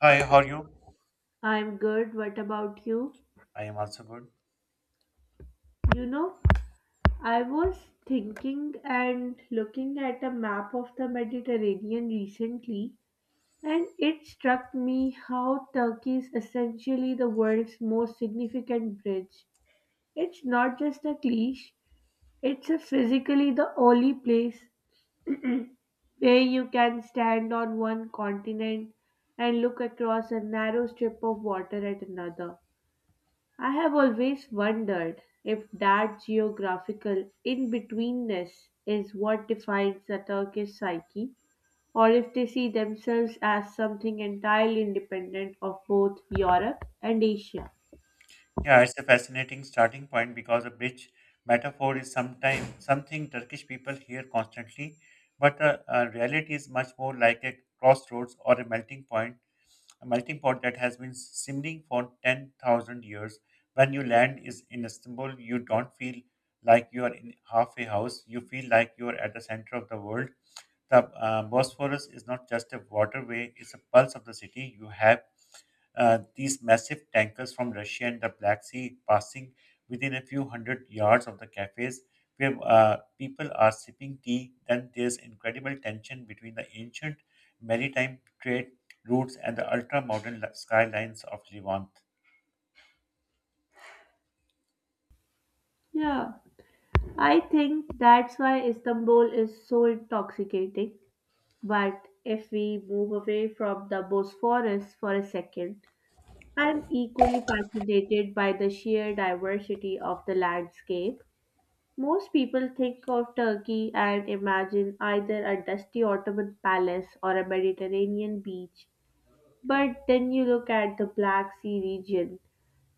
Hi, how are you? I'm good. What about you? I am also good. You know, I was thinking and looking at a map of the Mediterranean recently, and it struck me how Turkey is essentially the world's most significant bridge. It's not just a cliche, it's a physically the only place where you can stand on one continent and look across a narrow strip of water at another. I have always wondered if that geographical in betweenness is what defines the Turkish psyche, or if they see themselves as something entirely independent of both Europe and Asia. Yeah, it's a fascinating starting point because a bridge metaphor is sometimes something Turkish people hear constantly, but the reality is much more like a crossroads or a melting point, a melting pot that has been simmering for 10,000 years. When you land is in Istanbul, you don't feel like you are in half a house. You feel like you are at the center of the world. The Bosphorus is not just a waterway; it's a pulse of the city. You have these massive tankers from Russia and the Black Sea passing within a few hundred yards of the cafes where people are sipping tea. Then there's incredible tension between the ancient maritime trade routes and the ultra modern skylines of Levant. Yeah, I think that's why Istanbul is so intoxicating. But if we move away from the Bosphorus for a second, I'm equally fascinated by the sheer diversity of the landscape. Most people think of Turkey and imagine either a dusty Ottoman palace or a Mediterranean beach. But then you look at the Black Sea region,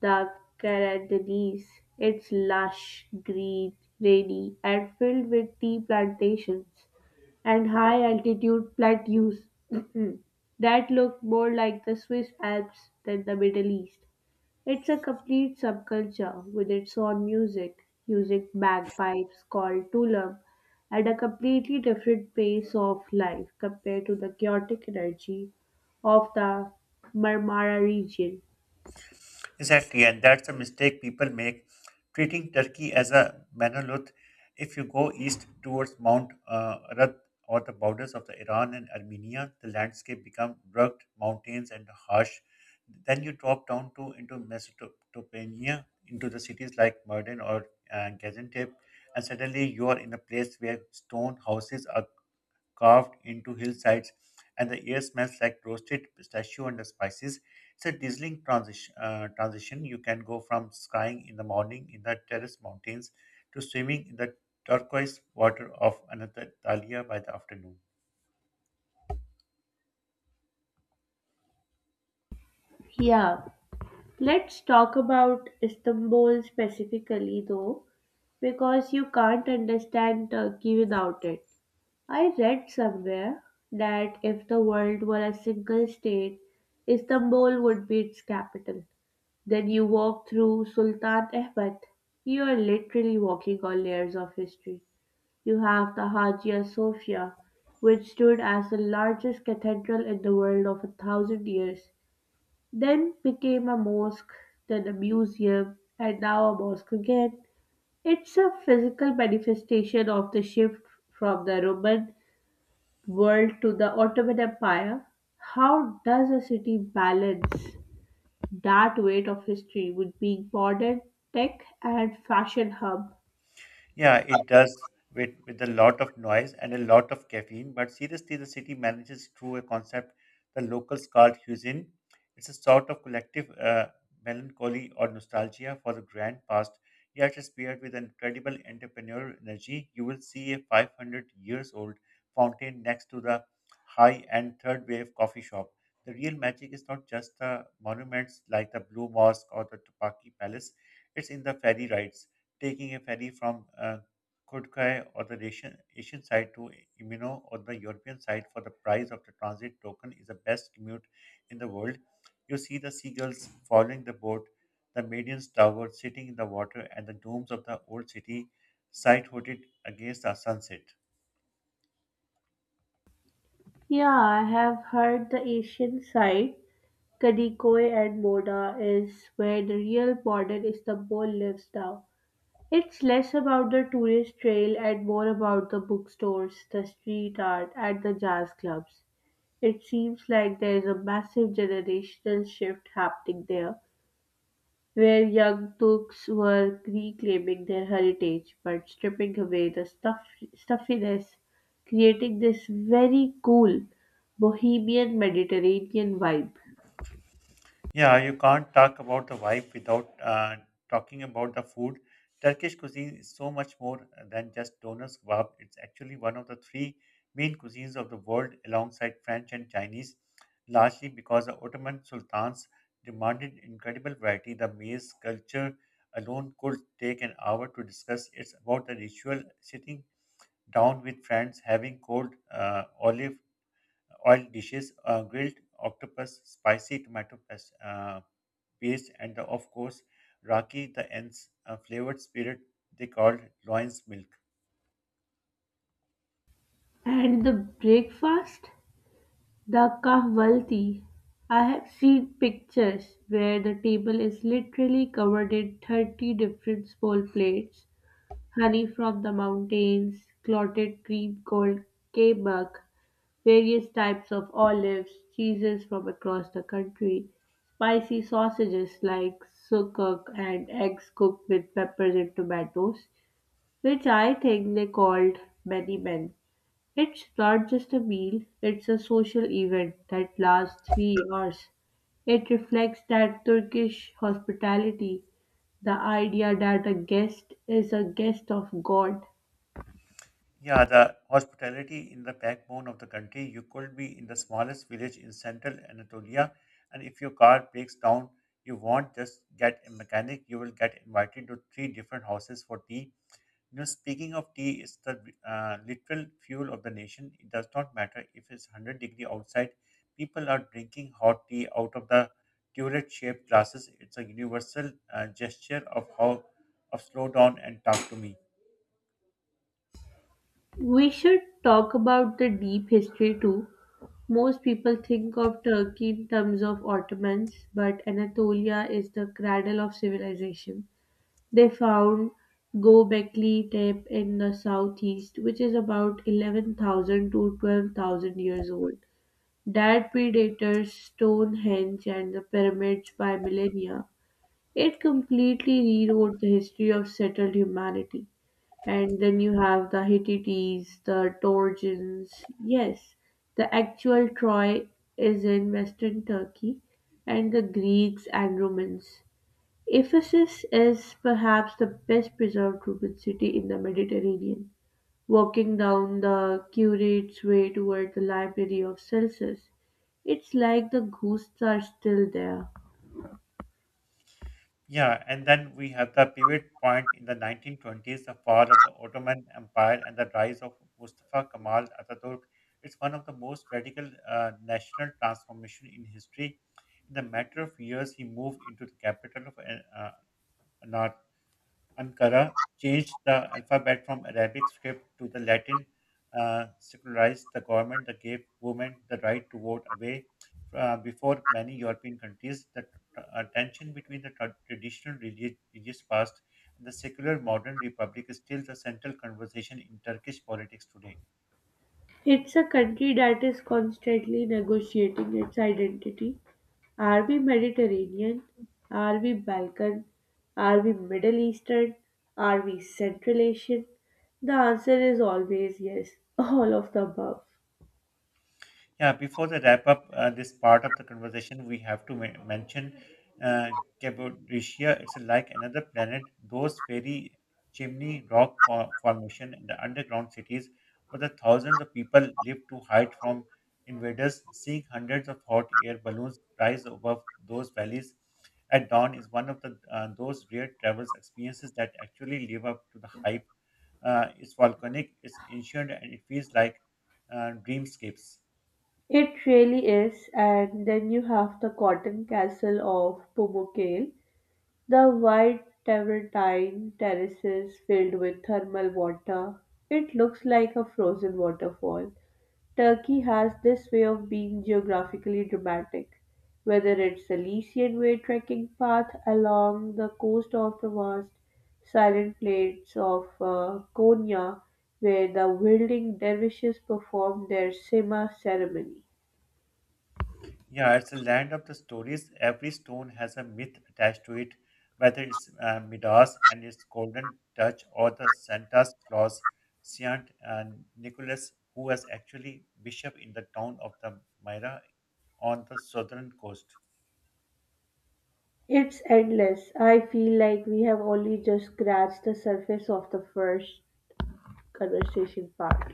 the Karadeniz. It's lush, green, rainy, and filled with tea plantations and high altitude plateaus that look more like the Swiss Alps than the Middle East. It's a complete subculture with its own music, using bagpipes called tulam, and a completely different pace of life compared to the chaotic energy of the Marmara region. Exactly, and that's a mistake people make, treating Turkey as a monolith. If you go east towards Mount Arad or the borders of the Iran and Armenia, the landscape becomes rugged mountains and harsh. Then you drop down to into Mesopotamia, into the cities like Mardin or Gaziantep, and suddenly you are in a place where stone houses are carved into hillsides, and the air smells like roasted pistachio and the spices. It's a dazzling transition. You can go from skiing in the morning in the terrace mountains to swimming in the turquoise water of Anatolia by the afternoon. Yeah, let's talk about Istanbul specifically though, because you can't understand Turkey without it. I read somewhere that if the world were a single state, Istanbul would be its capital. Then you walk through Sultan Ahmed. You are literally walking on layers of history. You have the Hagia Sophia, which stood as the largest cathedral in the world of a thousand years, then became a mosque, then a museum, and now a mosque again. It's a physical manifestation of the shift from the Roman world to the Ottoman Empire. How does a city balance? That weight of history would be Gordon Tech and Fashion Hub. Yeah, it does with a lot of noise and a lot of caffeine, but seriously, the city manages through a concept the locals call Husin. It's a sort of collective melancholy or nostalgia for the grand past, yet it's paired with incredible entrepreneurial energy. You will see a 500 years old fountain next to the high end third wave coffee shop. The real magic is not just the monuments like the Blue Mosque or the Tupaki Palace, it's in the ferry rides taking a ferry from Kurgai or the Asian side to Imino or the European side for the price of the transit token is the best commute in the world. You see the seagulls following the boat, the Median's tower sitting in the water, and the domes of the old city sight-hooted against the sunset. Yeah, I have heard the Asian side, Kadikoy and Moda, is where the real modern Istanbul lives now. It's less about the tourist trail and more about the bookstores, the street art, and the jazz clubs. It seems like there is a massive generational shift happening there, where young books were reclaiming their heritage but stripping away the stuff, stuffiness, creating this very cool bohemian Mediterranean vibe. Yeah, you can't talk about the vibe without talking about the food. Turkish cuisine is so much more than just donuts kebab. It's actually one of the three main cuisines of the world alongside French and Chinese, largely because the Ottoman sultans demanded incredible variety. The maize culture alone could take an hour to discuss. It's about the ritual sitting down with friends, having cold olive oil dishes, grilled octopus, spicy tomato paste, and the, of course, raki, the ends, a flavored spirit they called loins milk. And the breakfast, the kahvalti. I have seen pictures where the table is literally covered in 30 different small plates, honey from the mountains, clotted cream called kebab, various types of olives, cheeses from across the country, spicy sausages like sukuk and eggs cooked with peppers and tomatoes, which I think they called many men. It's not just a meal, it's a social event that lasts 3 hours. It reflects that Turkish hospitality, the idea that a guest is a guest of God. Yeah, the hospitality in the backbone of the country. You could be in the smallest village in central Anatolia, and if your car breaks down, you won't just get a mechanic, you will get invited to three different houses for tea. You know, speaking of tea, it's the literal fuel of the nation. It does not matter if it's 100-degree outside. People are drinking hot tea out of the turret-shaped glasses. It's a universal gesture of how of slow down and talk to me. We should talk about the deep history too. Most people think of Turkey in terms of Ottomans, but Anatolia is the cradle of civilization. They found Göbekli Tepe in the southeast, which is about 11,000 to 12,000 years old. That predators Stonehenge and the pyramids by millennia. It completely rewrote the history of settled humanity. And then you have the Hittites, the Georgians. Yes, the actual Troy is in western Turkey, and the Greeks and Romans. Ephesus is perhaps the best preserved Roman city in the Mediterranean. Walking down the curate's way toward the library of Celsus, it's like the ghosts are still there. Yeah, and then we have the pivot point in the 1920s, the fall of the Ottoman Empire and the rise of Mustafa Kemal Atatürk. It's one of the most radical national transformation in history. In the matter of years, he moved into the capital of uh, Ankara changed the alphabet from Arabic script to the Latin, secularized the government that gave women the right to vote away before many European countries. The tension between the traditional religious past and the secular modern republic is still the central conversation in Turkish politics today. It's a country that is constantly negotiating its identity. Are we Mediterranean? Are we Balkan? Are we Middle Eastern? Are we Central Asian? The answer is always yes, all of the above. Yeah, before the wrap up, this part of the conversation, we have to mention uh, Cappadocia. It's like another planet. Those fairy chimney rock formation and the underground cities where the thousands of people live to hide from invaders, seeing hundreds of hot air balloons rise above those valleys at dawn is one of the those rare travels experiences that actually live up to the hype. It's volcanic, it's ancient, and it feels like dreamscapes. It really is, and then you have the cotton castle of Pumukale, the white Travertine terraces filled with thermal water. It looks like a frozen waterfall. Turkey has this way of being geographically dramatic, whether it's the Lycian Way trekking path along the coast of the vast silent plains of Konya, where the wielding dervishes perform their Sema ceremony. Yeah, it's a land of the stories. Every stone has a myth attached to it, whether it's Midas and its golden touch or the Santa Claus, Saint Nicholas, who was actually bishop in the town of the Myra on the southern coast. It's endless. I feel like we have only just scratched the surface of the first conversation part.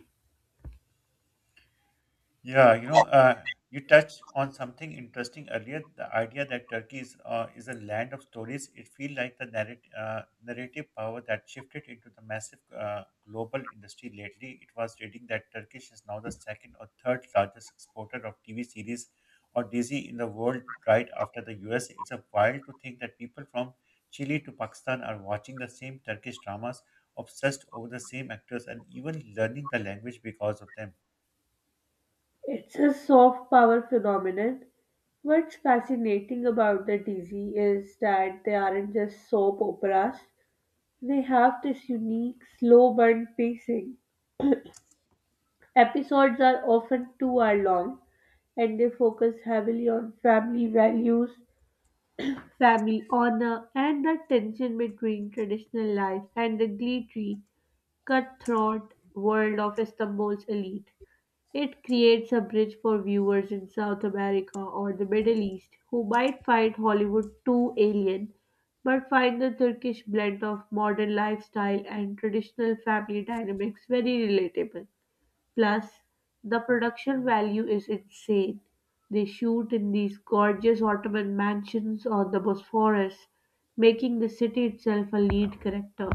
Yeah, you know, you touched on something interesting earlier. The idea that Turkey is a land of stories. It feels like the narrative power that shifted into the massive global industry lately. It was reading that Turkish is now the second or third largest exporter of TV series or DZ in the world, right after the US. It's a wild to think that people from Chile to Pakistan are watching the same Turkish dramas, obsessed over the same actors, and even learning the language because of them. It's a soft power phenomenon. What's fascinating about the Dizzy is that they aren't just soap operas. They have this unique slow burn pacing. Episodes are often 2 hour long and they focus heavily on family values, family honor, and the tension between traditional life and the glittery, cutthroat world of Istanbul's elite. It creates a bridge for viewers in South America or the Middle East who might find Hollywood too alien, but find the Turkish blend of modern lifestyle and traditional family dynamics very relatable. Plus, the production value is insane. They shoot in these gorgeous Ottoman mansions on the Bosphorus, making the city itself a lead character.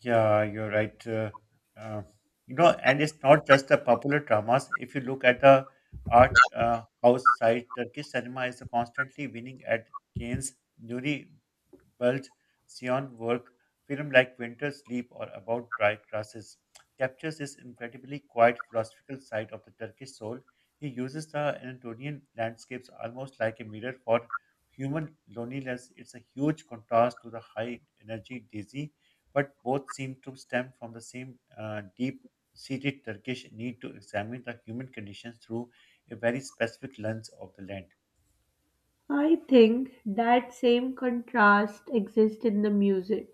Yeah, you're right. Uh, you know, and it's not just the popular dramas. If you look at the art house side, Turkish cinema is constantly winning at Cannes, Nuri Bilge Ceylan' work, film like Winter Sleep or About Dry Grasses captures this incredibly quiet philosophical side of the Turkish soul. He uses the Anatolian landscapes almost like a mirror for human loneliness. It's a huge contrast to the high energy dizzy but both seem to stem from the same deep seated Turkish need to examine the human conditions through a very specific lens of the land. I think that same contrast exists in the music.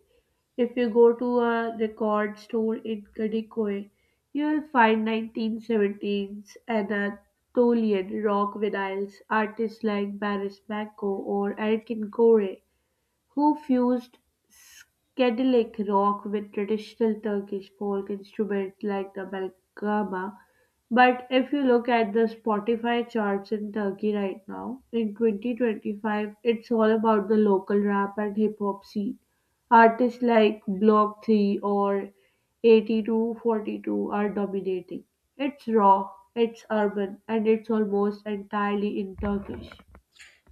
If you go to a record store in Kadikoy, you'll find 1917s, Anatolian rock vinyls, artists like Boris Manko or Erkin Kore, who fused Cadillac rock with traditional Turkish folk instruments like the Balgama. But if you look at the Spotify charts in Turkey right now, in 2025, it's all about the local rap and hip hop scene. Artists like Block 3 or 8242 are dominating. It's raw, it's urban, and it's almost entirely in Turkish.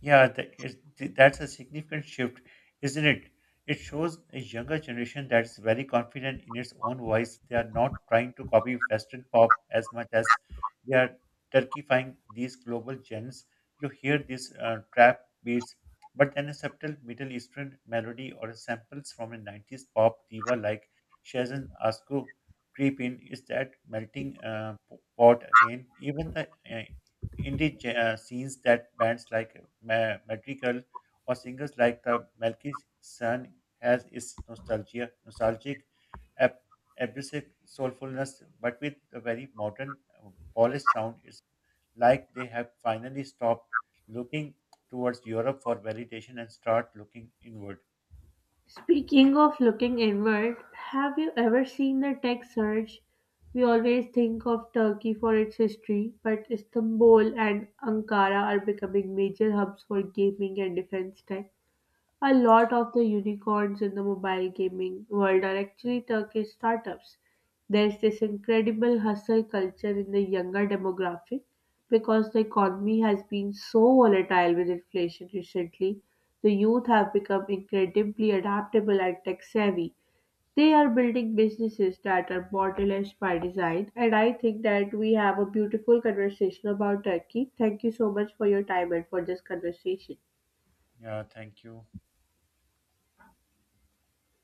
Yeah, that's a significant shift, isn't it? It shows a younger generation that's very confident in its own voice. They are not trying to copy Western pop as much as they are turkeyfying these global gems. You hear these trap beats, but then a subtle Middle Eastern melody or samples from a 90s pop diva like Shazen Asku creep in. Is that melting pot again? Even the indie scenes that bands like Madrigal or singers like the Melky Sun has its nostalgic, ab- abrasive soulfulness, but with a very modern, polished sound. It's like they have finally stopped looking towards Europe for validation and start looking inward. Speaking of looking inward, have you ever seen the tech surge? We always think of Turkey for its history, but Istanbul and Ankara are becoming major hubs for gaming and defense tech. A lot of the unicorns in the mobile gaming world are actually Turkish startups. There's this incredible hustle culture in the younger demographic because the economy has been so volatile with inflation recently. The youth have become incredibly adaptable and tech savvy. They are building businesses that are borderless by design, and I think that we have a beautiful conversation about Turkey. Thank you so much for your time and for this conversation. Yeah, thank you.